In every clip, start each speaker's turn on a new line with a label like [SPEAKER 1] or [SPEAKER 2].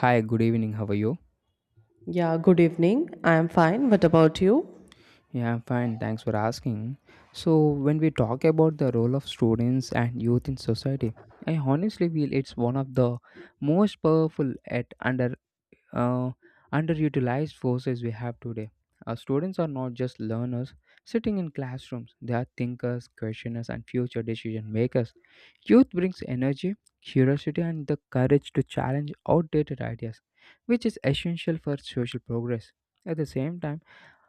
[SPEAKER 1] Hi, good evening. How are you?
[SPEAKER 2] Yeah, good evening. I am fine. What about you?
[SPEAKER 1] Yeah, I'm fine. Thanks for asking. So, when we talk about the role of students and youth in society, I honestly feel it's one of the most powerful at uh, underutilized forces we have today. Our students are not just learners sitting in classrooms; they are thinkers, questioners, and future decision makers. Youth brings energy, curiosity, and the courage to challenge outdated ideas, which is essential for social progress. At the same time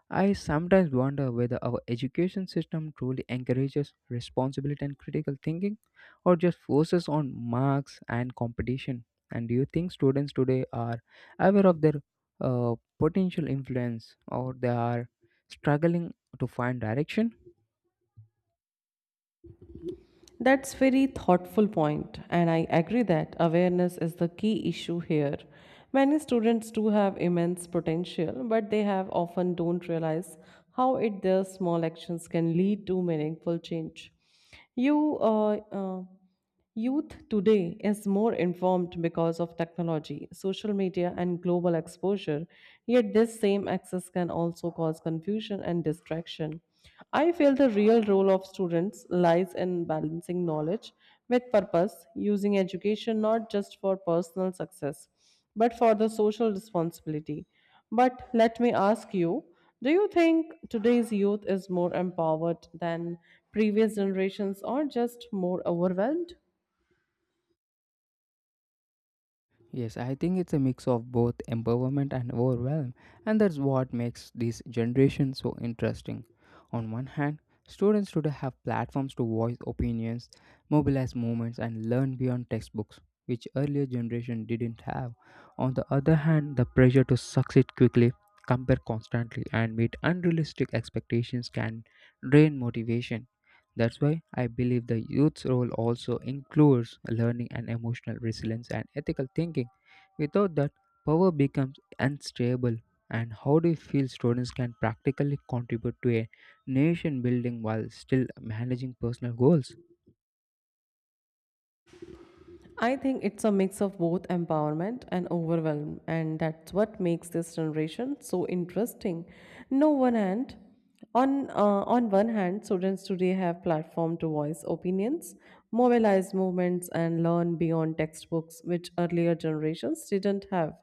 [SPEAKER 1] I sometimes wonder whether our education system truly encourages responsibility and critical thinking or just focuses on marks and competition. And do you think students today are aware of their potential influence or they are struggling to find direction?
[SPEAKER 2] That's very thoughtful point and I agree that awareness is the key issue here. Many students do have immense potential but they have often don't realize how it their small actions can lead to meaningful change. You uh, uh, Youth today is more informed because of technology, social media, and global exposure, yet, this same access can also cause confusion and distraction. I feel the real role of students lies in balancing knowledge with purpose, using education not just for personal success, but for the social responsibility. But let me ask you, do you think today's youth is more empowered than previous generations or just more overwhelmed?
[SPEAKER 1] Yes, I think it's a mix of both empowerment and overwhelm, and that's what makes this generation so interesting. On one hand, students today have platforms to voice opinions, mobilize movements, and learn beyond textbooks, which earlier generation didn't have. On the other hand, the pressure to succeed quickly, compare constantly, and meet unrealistic expectations can drain motivation. That's why I believe the youth's role also includes learning and emotional resilience and ethical thinking. Without that, power becomes unstable. And how do you feel students can practically contribute to a nation building while still managing personal goals?
[SPEAKER 2] I think it's a mix of both empowerment and overwhelm, and that's what makes this generation so interesting. No one hand, on uh, on one hand, students today have platform to voice opinions, mobilize movements, and learn beyond textbooks, which earlier generations didn't have.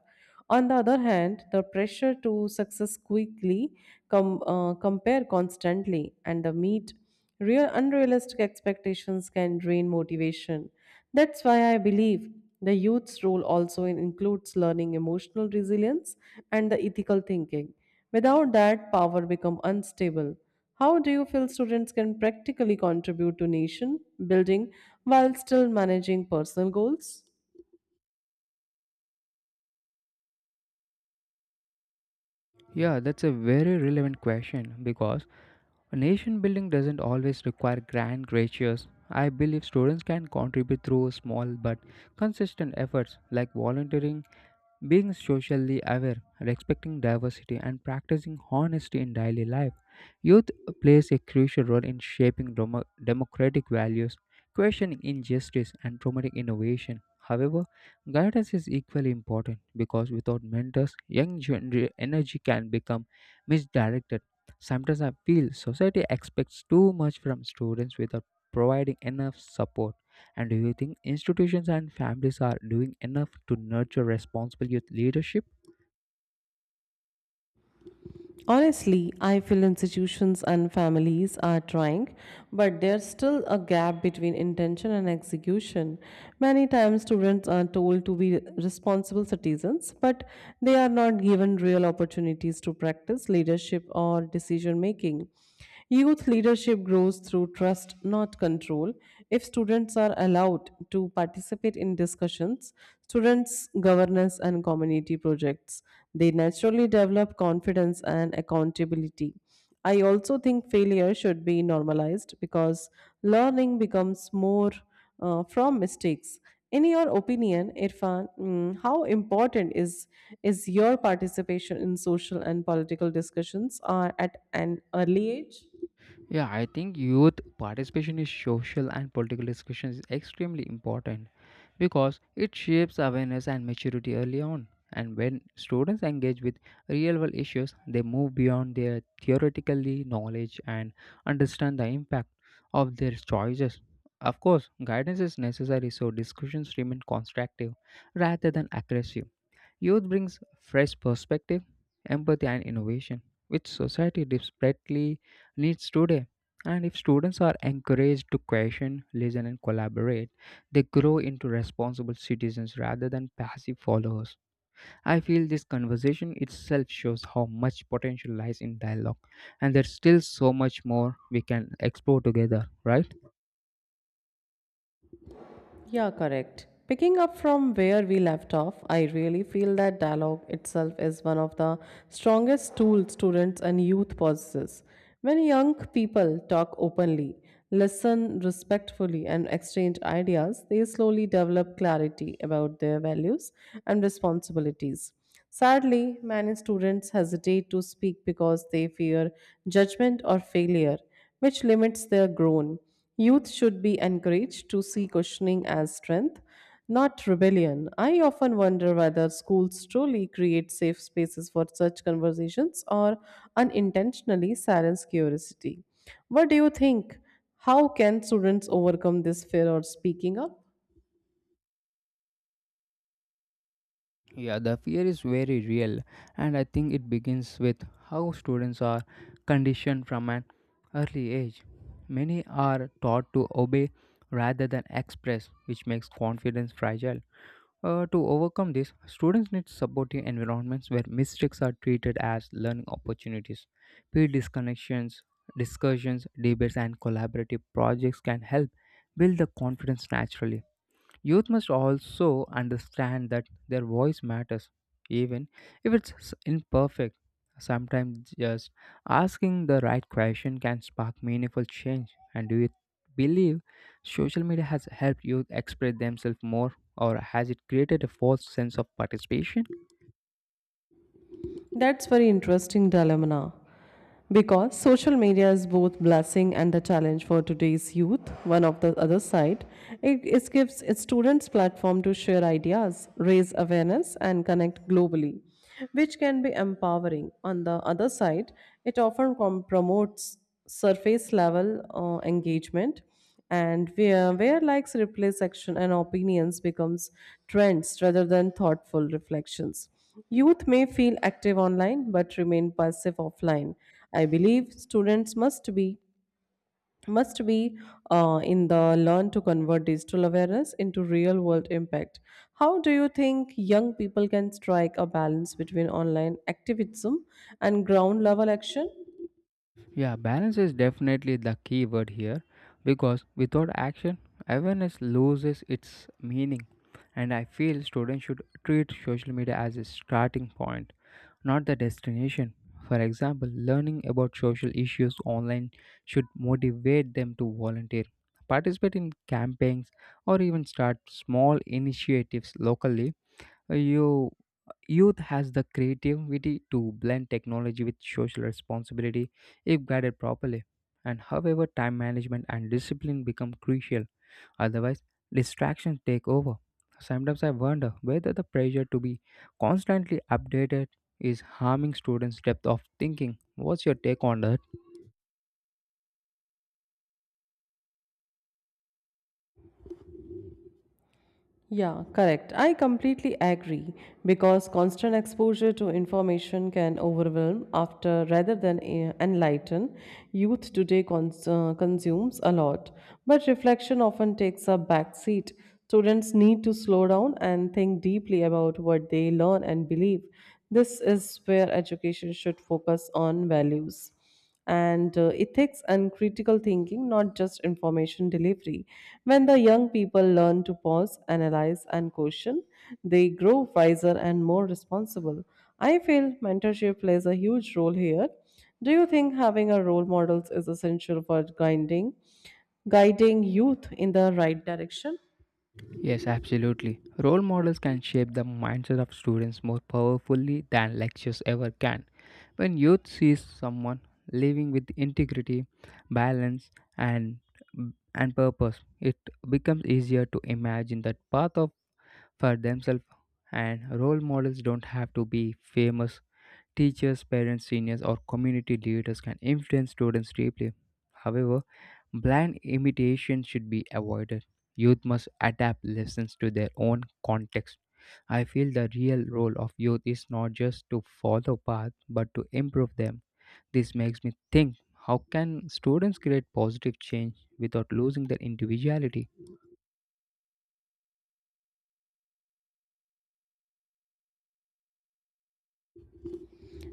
[SPEAKER 2] On the other hand, the pressure to success quickly, compare constantly, and the meet real unrealistic expectations can drain motivation. That's why I believe the youth's role also includes learning emotional resilience and the ethical thinking. Without that, power become unstable. How do you feel students can practically contribute to nation building while still managing personal goals?
[SPEAKER 1] Yeah, that's a very relevant question because nation building doesn't always require grand gestures. I believe students can contribute through small but consistent efforts like volunteering, being socially aware, respecting diversity, and practicing honesty in daily life. Youth plays a crucial role in shaping democratic values, questioning injustice, and promoting innovation. However, guidance is equally important because without mentors, young energy can become misdirected. Sometimes I feel society expects too much from students without providing enough support. And do you think institutions and families are doing enough to nurture responsible youth leadership?
[SPEAKER 2] Honestly, I feel institutions and families are trying, but there's still a gap between intention and execution. Many times, students are told to be responsible citizens, but they are not given real opportunities to practice leadership or decision making. Youth leadership grows through trust, not control. If students are allowed to participate in discussions, students' governance, and community projects, they naturally develop confidence and accountability. I also think failure should be normalized because learning becomes more from mistakes. In your opinion, Irfan, how important is your participation in social and political discussions are at an early age?
[SPEAKER 1] Yeah, I think youth participation in social and political discussions is extremely important because it shapes awareness and maturity early on. And when students engage with real world issues, they move beyond their theoretically knowledge and understand the impact of their choices. Of course, guidance is necessary so discussions remain constructive rather than aggressive. Youth brings fresh perspective, empathy, and innovation, which society desperately needs today. And if students are encouraged to question, listen, and collaborate, they grow into responsible citizens rather than passive followers. I feel this conversation itself shows how much potential lies in dialogue, and there's still so much more we can explore together, right?
[SPEAKER 2] Yeah, correct. Picking up from where we left off, I really feel that dialogue itself is one of the strongest tools students and youth possesses. When young people talk openly, listen respectfully, and exchange ideas, they slowly develop clarity about their values and responsibilities. Sadly, many students hesitate to speak because they fear judgment or failure, which limits their growth. Youth should be encouraged to see questioning as strength, not rebellion. I often wonder whether schools truly create safe spaces for such conversations or unintentionally silence curiosity. What do you think? How can students overcome this fear of speaking up?
[SPEAKER 1] Yeah, the fear is very real, and I think it begins with how students are conditioned from an early age. Many are taught to obey rather than express, which makes confidence fragile. To overcome this, students need supportive environments where mistakes are treated as learning opportunities. Peer disconnections, discussions, debates, and collaborative projects can help build the confidence naturally. Youth must also understand that their voice matters, even if it's imperfect. Sometimes just asking the right question can spark meaningful change. And do you believe social media has helped youth express themselves more, or has it created a false sense of participation?
[SPEAKER 2] That's very interesting dilemma now, because social media is both blessing and a challenge for today's youth. One of the other side, it gives its students platform to share ideas, raise awareness, and connect globally, which can be empowering. On the other side, it often promotes surface level engagement and where likes replace action and opinions becomes trends rather than thoughtful reflections. Youth may feel active online but remain passive offline. I believe students must be in the learn to convert digital awareness into real world impact. How do you think young people can strike a balance between online activism and ground level action?
[SPEAKER 1] Yeah, balance is definitely the key word here because without action, awareness loses its meaning. And I feel students should treat social media as a starting point, not the destination. For example, learning about social issues online should motivate them to volunteer, participate in campaigns, or even start small initiatives locally. you, Youth has the creativity to blend technology with social responsibility if guided properly. And however, time management and discipline become crucial, otherwise, distractions take over. Sometimes I wonder whether the pressure to be constantly updated is harming students' depth of thinking. What's your take on that?
[SPEAKER 2] Yeah, correct. I completely agree because constant exposure to information can overwhelm after rather than enlighten. Youth today consumes a lot, but reflection often takes a back seat. Students need to slow down and think deeply about what they learn and believe. This is where education should focus on values and ethics and critical thinking, not just information delivery. When the young people learn to pause, analyze, and question, they grow wiser and more responsible. I feel mentorship plays a huge role here. Do you think having a role models is essential for guiding youth in the right direction?
[SPEAKER 1] Yes, absolutely. Role models can shape the mindset of students more powerfully than lectures ever can. When youth sees someone living with integrity, balance, and and purpose, it becomes easier to imagine that path of for themselves. And role models don't have to be famous. Teachers, parents, seniors, or community leaders can influence students deeply. However, blind imitation should be avoided. Youth must adapt lessons to their own context. I feel the real role of youth is not just to follow paths but to improve them. This makes me think, how can students create positive change without losing their individuality?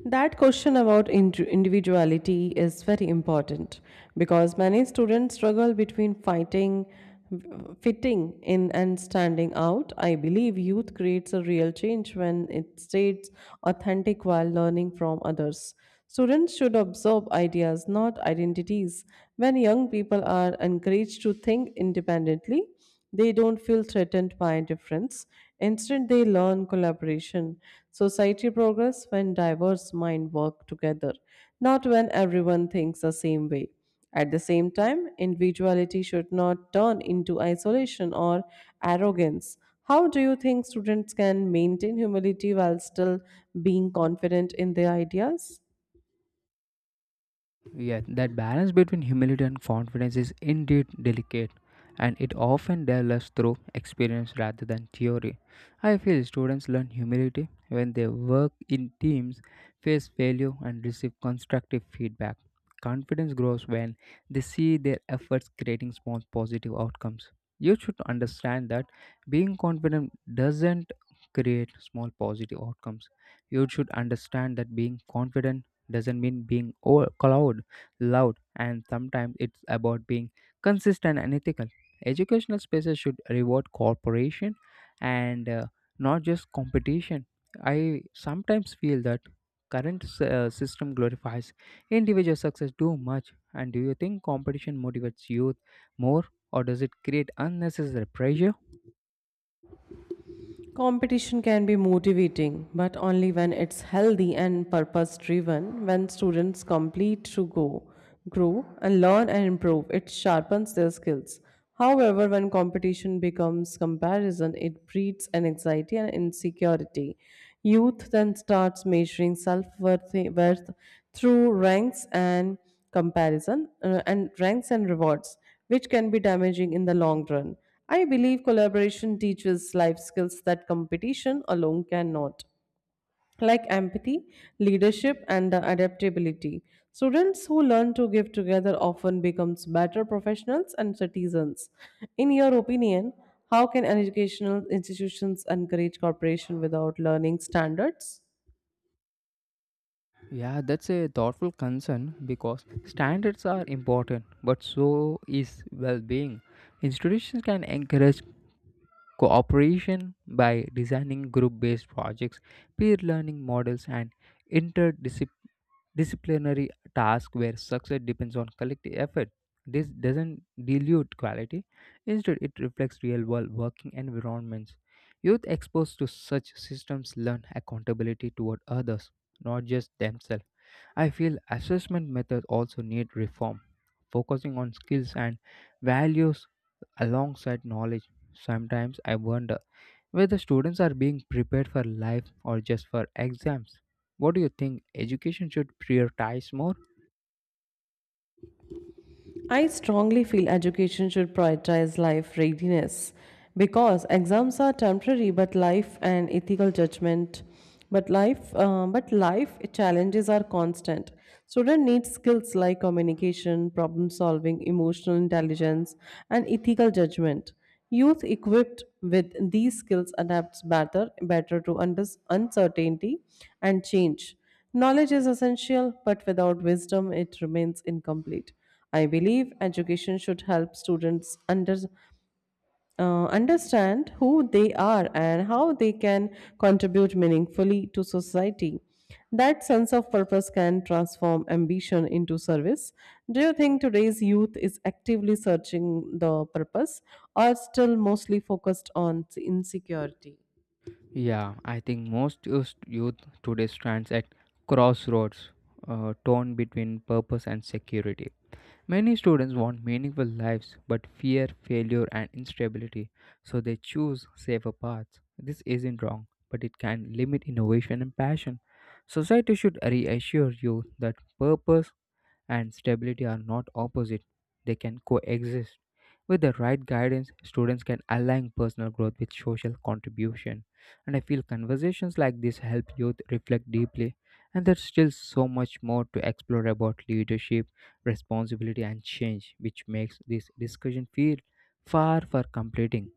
[SPEAKER 2] That question about individuality is very important because many students struggle between fitting in, and standing out. I believe youth creates a real change when it stays authentic while learning from others. Students should absorb ideas, not identities. When young people are encouraged to think independently, they don't feel threatened by difference. Instead, they learn collaboration. Society progress when diverse minds work together, not when everyone thinks the same way. At the same time, individuality should not turn into isolation or arrogance. How do you think students can maintain humility while still being confident in their ideas?
[SPEAKER 1] Yeah, that balance between humility and confidence is indeed delicate, and it often develops through experience rather than theory. I feel students learn humility when they work in teams, face failure, and receive constructive feedback. Confidence grows when they see their efforts creating small positive outcomes. You should understand that being confident doesn't create small positive outcomes. You should understand that being confident doesn't mean being cloud loud, and sometimes it's about being consistent and ethical. Educational spaces should reward cooperation and not just competition. I sometimes feel that current system glorifies individual success too much. And do you think competition motivates youth more, or does it create unnecessary pressure?
[SPEAKER 2] Competition can be motivating, but only when it's healthy and purpose driven. When students complete to grow, and learn and improve, it sharpens their skills. However, when competition becomes comparison, it breeds an anxiety and insecurity. Youth then starts measuring self worth through ranks and rewards, which can be damaging in the long run. I believe collaboration teaches life skills that competition alone cannot, like empathy, leadership, and adaptability. Students who learn to give together often becomes better professionals and citizens. In your opinion, how can educational institutions encourage cooperation without learning standards?
[SPEAKER 1] Yeah, that's a thoughtful concern because standards are important, but so is well being. Institutions can encourage cooperation by designing group based projects, peer learning models, and interdisciplinary tasks where success depends on collective effort. This doesn't dilute quality, instead, it reflects real world working environments. Youth exposed to such systems learn accountability toward others, not just themselves. I feel assessment methods also need reform, focusing on skills and values alongside knowledge. Sometimes I wonder whether students are being prepared for life or just for exams. What do you think education should prioritize more?
[SPEAKER 2] I strongly feel education should prioritize life readiness because exams are temporary, but life and ethical judgment, but life challenges are constant. Student needs skills like communication, problem solving, emotional intelligence, and ethical judgment. Youth equipped with these skills adapts better to uncertainty and change. Knowledge is essential, but without wisdom, it remains incomplete. I believe education should help students understand who they are and how they can contribute meaningfully to society. That sense of purpose can transform ambition into service. Do you think today's youth is actively searching the purpose or still mostly focused on insecurity?
[SPEAKER 1] Yeah, I think most used youth today stands at crossroads, torn between purpose and security. Many students want meaningful lives but fear failure and instability, so they choose safer paths. This isn't wrong, but it can limit innovation and passion. Society should reassure you that purpose and stability are not opposite, they can coexist. With the right guidance, students can align personal growth with social contribution. And I feel conversations like this help youth reflect deeply. And there's still so much more to explore about leadership, responsibility, and change, which makes this discussion feel far from completing.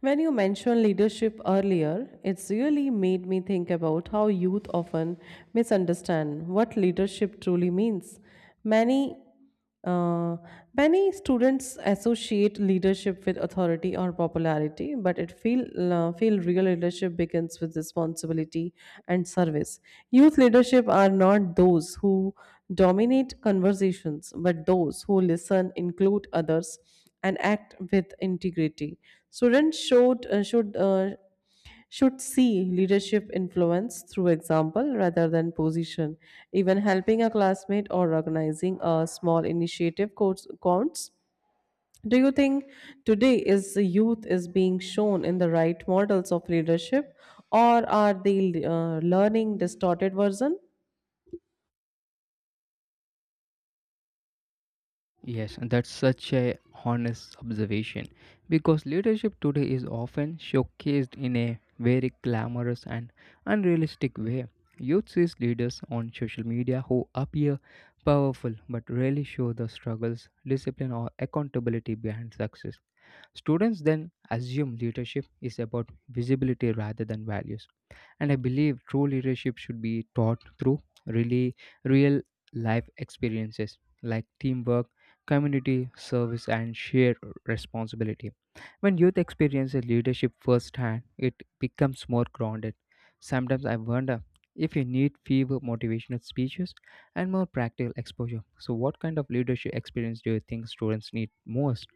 [SPEAKER 2] When you mentioned leadership earlier, it's really made me think about how youth often misunderstand what leadership truly means. Many uh, many students associate leadership with authority or popularity, but it feel feel real leadership begins with responsibility and service. Youth leadership are not those who dominate conversations, but those who listen, include others, and act with integrity. Students should see leadership influence through example rather than position. Even helping a classmate or organizing a small initiative counts. Do you think today is the youth is being shown in the right models of leadership, or are they learning distorted version?
[SPEAKER 1] Yes, and that's such a honest observation because leadership today is often showcased in a very glamorous and unrealistic way. Youth sees leaders on social media who appear powerful but rarely show the struggles, discipline, or accountability behind success. Students then assume leadership is about visibility rather than values. And I believe true leadership should be taught through really real life experiences like teamwork, community service, and shared responsibility. When youth experiences leadership firsthand, it becomes more grounded. Sometimes I wonder if you need fewer motivational speeches and more practical exposure. So what kind of leadership experience do you think students need most?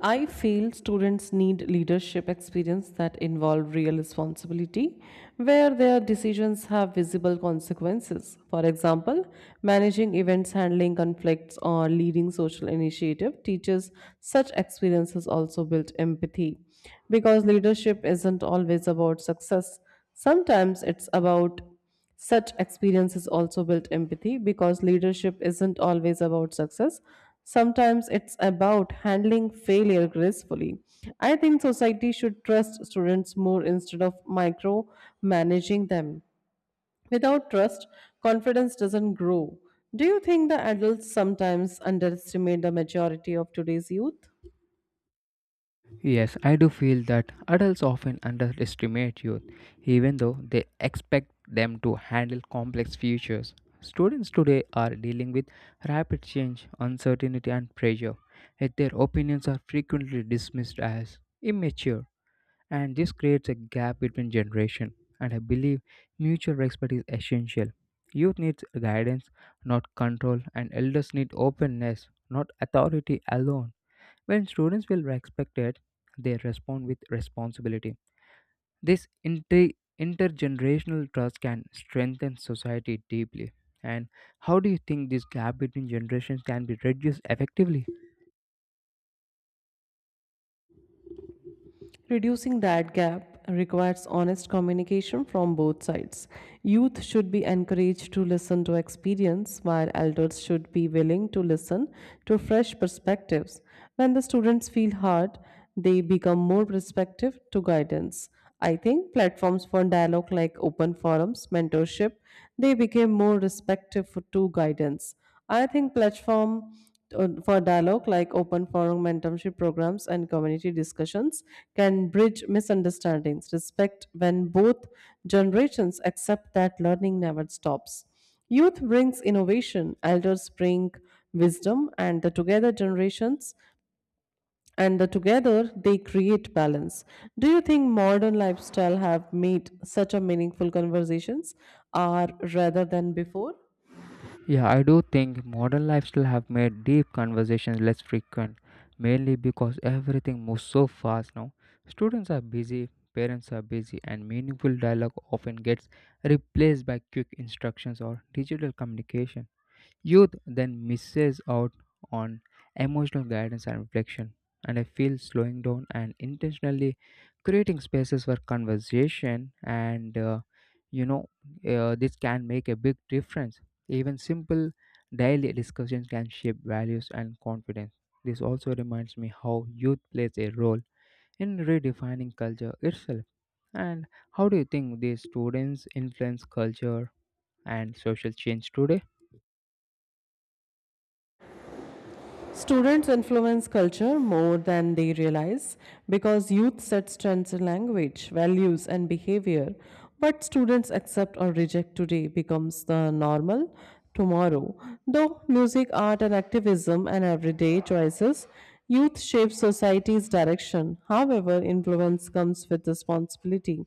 [SPEAKER 2] I feel students need leadership experience that involve real responsibility where their decisions have visible consequences. For example, managing events, handling conflicts or leading social initiative teaches such experiences also build empathy because leadership isn't always about success. Sometimes it's about such experiences also build empathy because leadership isn't always about success. Sometimes it's about handling failure gracefully. I think society should trust students more instead of micromanaging them. Without trust, confidence doesn't grow. Do you think the adults sometimes underestimate the maturity of today's youth?
[SPEAKER 1] Yes, I do feel that adults often underestimate youth, even though they expect them to handle complex futures. Students today are dealing with rapid change, uncertainty, and pressure, yet their opinions are frequently dismissed as immature, and this creates a gap between generations. And I believe mutual respect is essential. Youth needs guidance, not control, and elders need openness, not authority alone. When students feel respected, they respond with responsibility. This intergenerational trust can strengthen society deeply. And how do you think this gap between generations can be reduced effectively?
[SPEAKER 2] Reducing that gap requires honest communication from both sides. Youth should be encouraged to listen to experience, while elders should be willing to listen to fresh perspectives. When the students feel heard, they become more receptive to guidance. I think platforms for dialogue like open forums, mentorship, they became more receptive to guidance. I think platform for dialogue like open forum mentorship programs and community discussions can bridge misunderstandings respect when both generations accept that learning never stops. Youth brings innovation, elders bring wisdom, and the together generations and the together they create balance. Do you think modern lifestyle have made such a meaningful conversations are rather than before?
[SPEAKER 1] Yeah, I do think modern lifestyle have made deep conversations less frequent, mainly because everything moves so fast now. Students are busy, parents are busy, and meaningful dialogue often gets replaced by quick instructions or digital communication. Youth then misses out on emotional guidance and reflection, and I feel slowing down and intentionally creating spaces for conversation and you know this can make a big difference. Even simple daily discussions can shape values and confidence. This also reminds me how youth plays a role in redefining culture itself. And how do you think these students influence culture and social change today?
[SPEAKER 2] Students influence culture more than they realize because youth sets trends in language, values, and behavior. What students accept or reject today becomes the normal tomorrow. Though music, art, and activism and everyday choices, youth shapes society's direction. However, influence comes with responsibility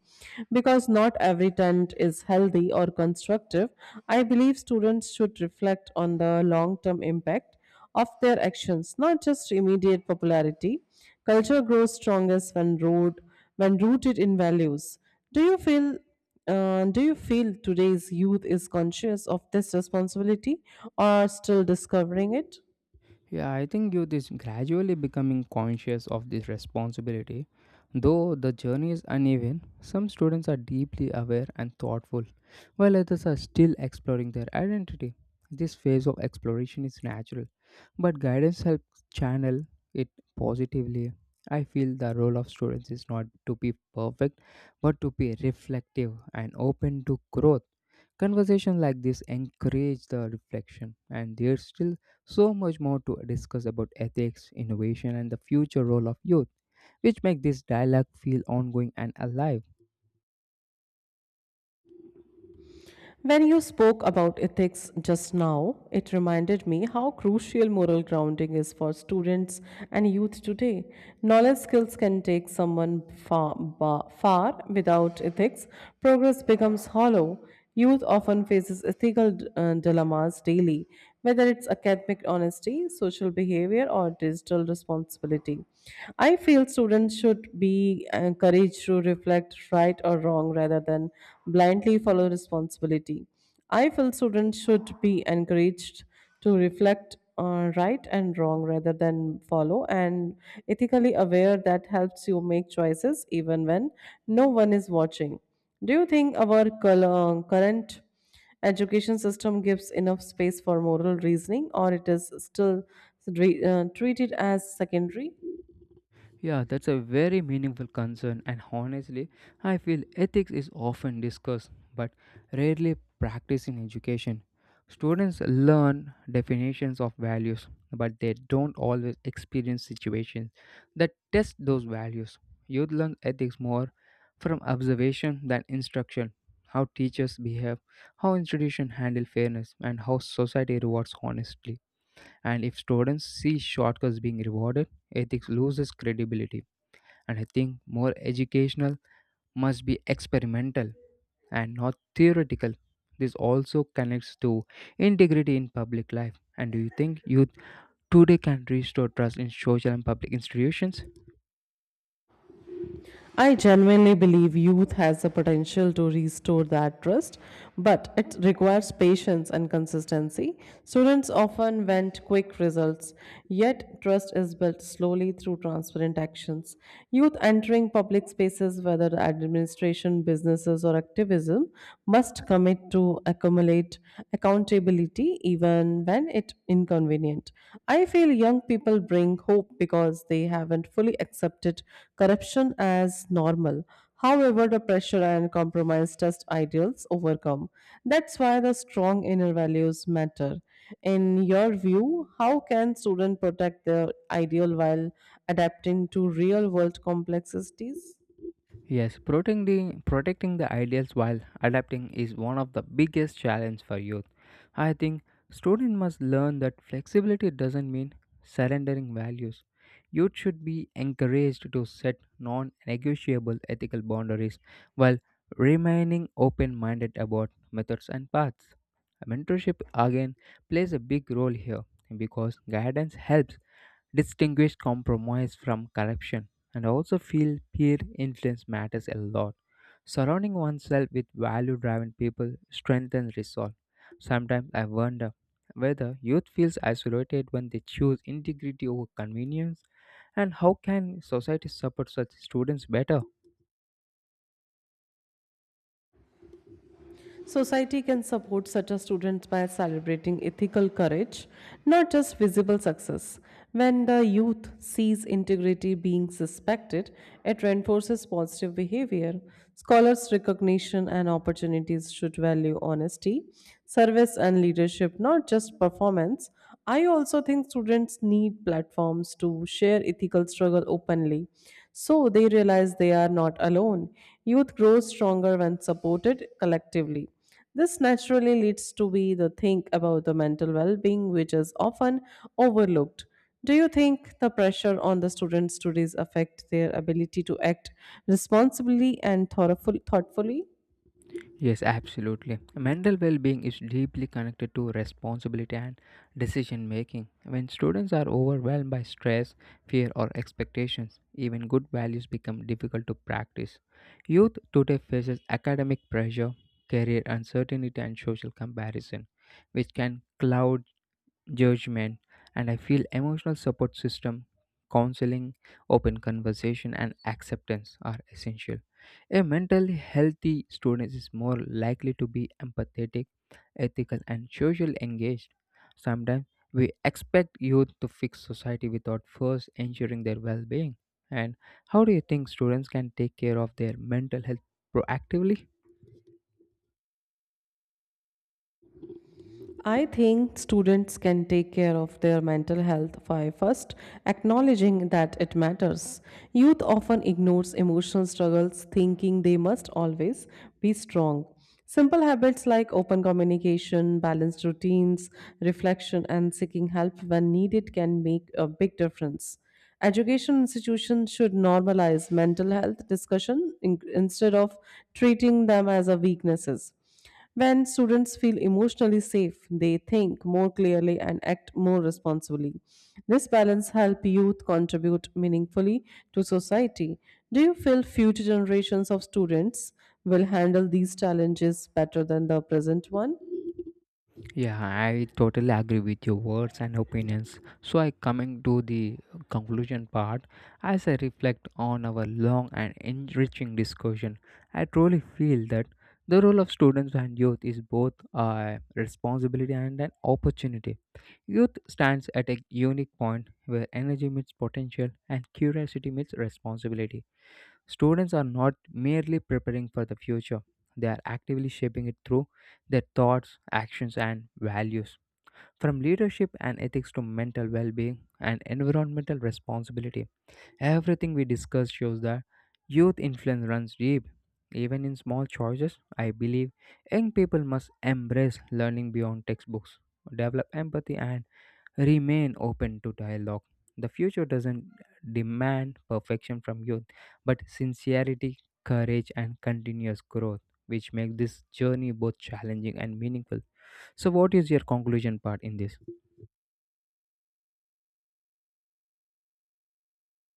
[SPEAKER 2] because not every trend is healthy or constructive. I believe students should reflect on the long term impact of their actions, not just immediate popularity. Culture grows strongest when rooted in values. Do you feel today's youth is conscious of this responsibility or still discovering it?
[SPEAKER 1] Yeah, I think youth is gradually becoming conscious of this responsibility. Though the journey is uneven, some students are deeply aware and thoughtful, while others are still exploring their identity. This phase of exploration is natural, but guidance helps channel it positively. I feel the role of students is not to be perfect, but to be reflective and open to growth. Conversations like this encourage the reflection, and there's still so much more to discuss about ethics, innovation, and the future role of youth, which make this dialogue feel ongoing and alive.
[SPEAKER 2] When you spoke about ethics just now, it reminded me how crucial moral grounding is for students and youth today. Knowledge skills can take someone far without ethics, progress becomes hollow. Youth often faces ethical dilemmas daily, whether it's academic honesty, social behavior, or digital responsibility. I feel students should be encouraged to reflect reflect right or wrong rather than blindly follow responsibility. I feel students should be encouraged to reflect on right and wrong rather than follow and ethically aware that helps you make choices even when no one is watching. Do you think our current education system gives enough space for moral reasoning or it is still treated as secondary?
[SPEAKER 1] Yeah, that's a very meaningful concern, and honestly, I feel ethics is often discussed but rarely practiced in education. Students learn definitions of values, but they don't always experience situations that test those values. Youth learn ethics more from observation than instruction. How teachers behave, how institutions handle fairness, and how society rewards honesty. And if students see shortcuts being rewarded, ethics loses credibility. And I think more educational must be experimental and not theoretical. This also connects to integrity in public life. And do you think youth today can restore trust in social and public institutions?
[SPEAKER 2] I genuinely believe youth has the potential to restore that trust, but it requires patience and consistency. Students often want quick results, yet, trust is built slowly through transparent actions. Youth entering public spaces, whether administration, businesses, or activism, must commit to accumulate accountability even when it inconvenient. I feel young people bring hope because they haven't fully socially accepted corruption as normal. However, the pressure and compromise test ideals overcome. That's why the strong inner values matter. In your view, how can students protect their ideal while adapting to real world complexities?
[SPEAKER 1] Yes, protecting the ideals while adapting is one of the biggest challenges for youth. I think students must learn that flexibility doesn't mean surrendering values. Youth should be encouraged to set non negotiable ethical boundaries while remaining open minded about methods and paths. Mentorship again plays a big role here because guidance helps distinguish compromise from corruption, and I also feel peer influence matters a lot. Surrounding oneself with value driven people strengthens resolve. Sometimes I wonder whether youth feels isolated when they choose integrity over convenience, and how can society support such students better?
[SPEAKER 2] Society can support such a student by celebrating ethical courage, not just visible success. When the youth sees integrity being suspected, it reinforces positive behavior. Scholars' recognition and opportunities should value honesty, service, and leadership, not just performance. I also think students need platforms to share ethical struggle openly, so they realize they are not alone. Youth grows stronger when supported collectively. This naturally leads to be the think about the mental well-being which is often overlooked. Do you think the pressure on the students' studies affect their ability to act responsibly and thoughtfully?
[SPEAKER 1] Yes, absolutely. Mental well being is deeply connected to responsibility and decision making. When students are overwhelmed by stress, fear, or expectations, even good values become difficult to practice. Youth today faces academic pressure, career uncertainty, and social comparison, which can cloud judgment, and I feel emotional support system, counseling, open conversation, and acceptance are essential. A mentally healthy student is more likely to be empathetic, ethical, and socially engaged. Sometimes we expect youth to fix society without first ensuring their well being. And how do you think students can take care of their mental health proactively?
[SPEAKER 2] I think students can take care of their mental health by first acknowledging that it matters. Youth often ignores emotional struggles, thinking they must always be strong. Simple habits like open communication, balanced routines, reflection, and seeking help when needed can make a big difference. Education institutions should normalize mental health discussion instead of treating them as a weaknesses. When students feel emotionally safe, they think more clearly and act more responsibly. This balance helps youth contribute meaningfully to society. Do you feel future generations of students will handle these challenges better than the present one?
[SPEAKER 1] Yeah, I totally agree with your words and opinions. So, I coming to the conclusion part, as I reflect on our long and enriching discussion, I truly feel that the role of students and youth is both a responsibility and an opportunity. Youth stands at a unique point where energy meets potential and curiosity meets responsibility. Students are not merely preparing for the future, they are actively shaping it through their thoughts, actions, and values. From leadership and ethics to mental well being and environmental responsibility, everything we discuss shows that youth influence runs deep. Even in small choices, I believe young people must embrace learning beyond textbooks, develop empathy, and remain open to dialogue. The future doesn't demand perfection from youth, but sincerity, courage, and continuous growth, which make this journey both challenging and meaningful. So, what is your conclusion part in this?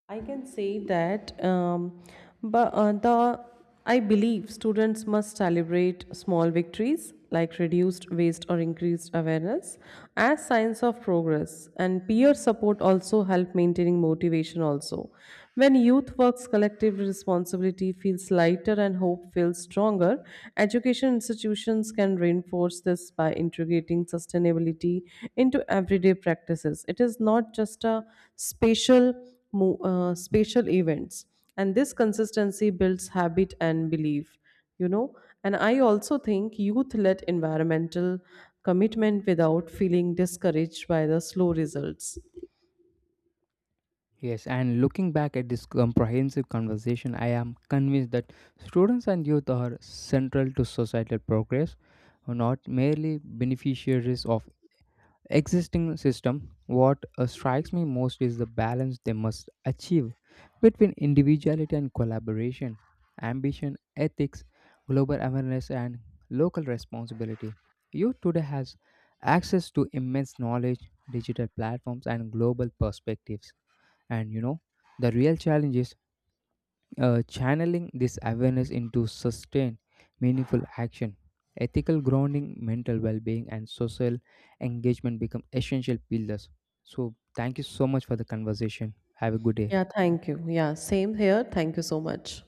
[SPEAKER 2] I can say that, but the I believe students must celebrate small victories like reduced waste or increased awareness as signs of progress. And peer support also help maintaining motivation. Also, when youth works collective responsibility feels lighter and hope feels stronger. Education institutions can reinforce this by integrating sustainability into everyday practices. It is not just a spatial spatial events and this consistency builds habit and belief, you know and I also think youth led environmental commitment without feeling discouraged by the slow results.
[SPEAKER 1] Yes, and looking back at this comprehensive conversation, I am convinced that students and youth are central to societal progress, not merely beneficiaries of existing system. What strikes me most is the balance they must achieve between individuality and collaboration, ambition, ethics, global awareness, and local responsibility. Youth today has access to immense knowledge, digital platforms, and global perspectives, and the real challenges channeling this awareness into sustained, meaningful action. Ethical grounding, mental well being, and social engagement become essential pillars. So, thank you so much for the conversation. Have a good day.
[SPEAKER 2] Yeah, thank you. Yeah, same here. Thank you so much.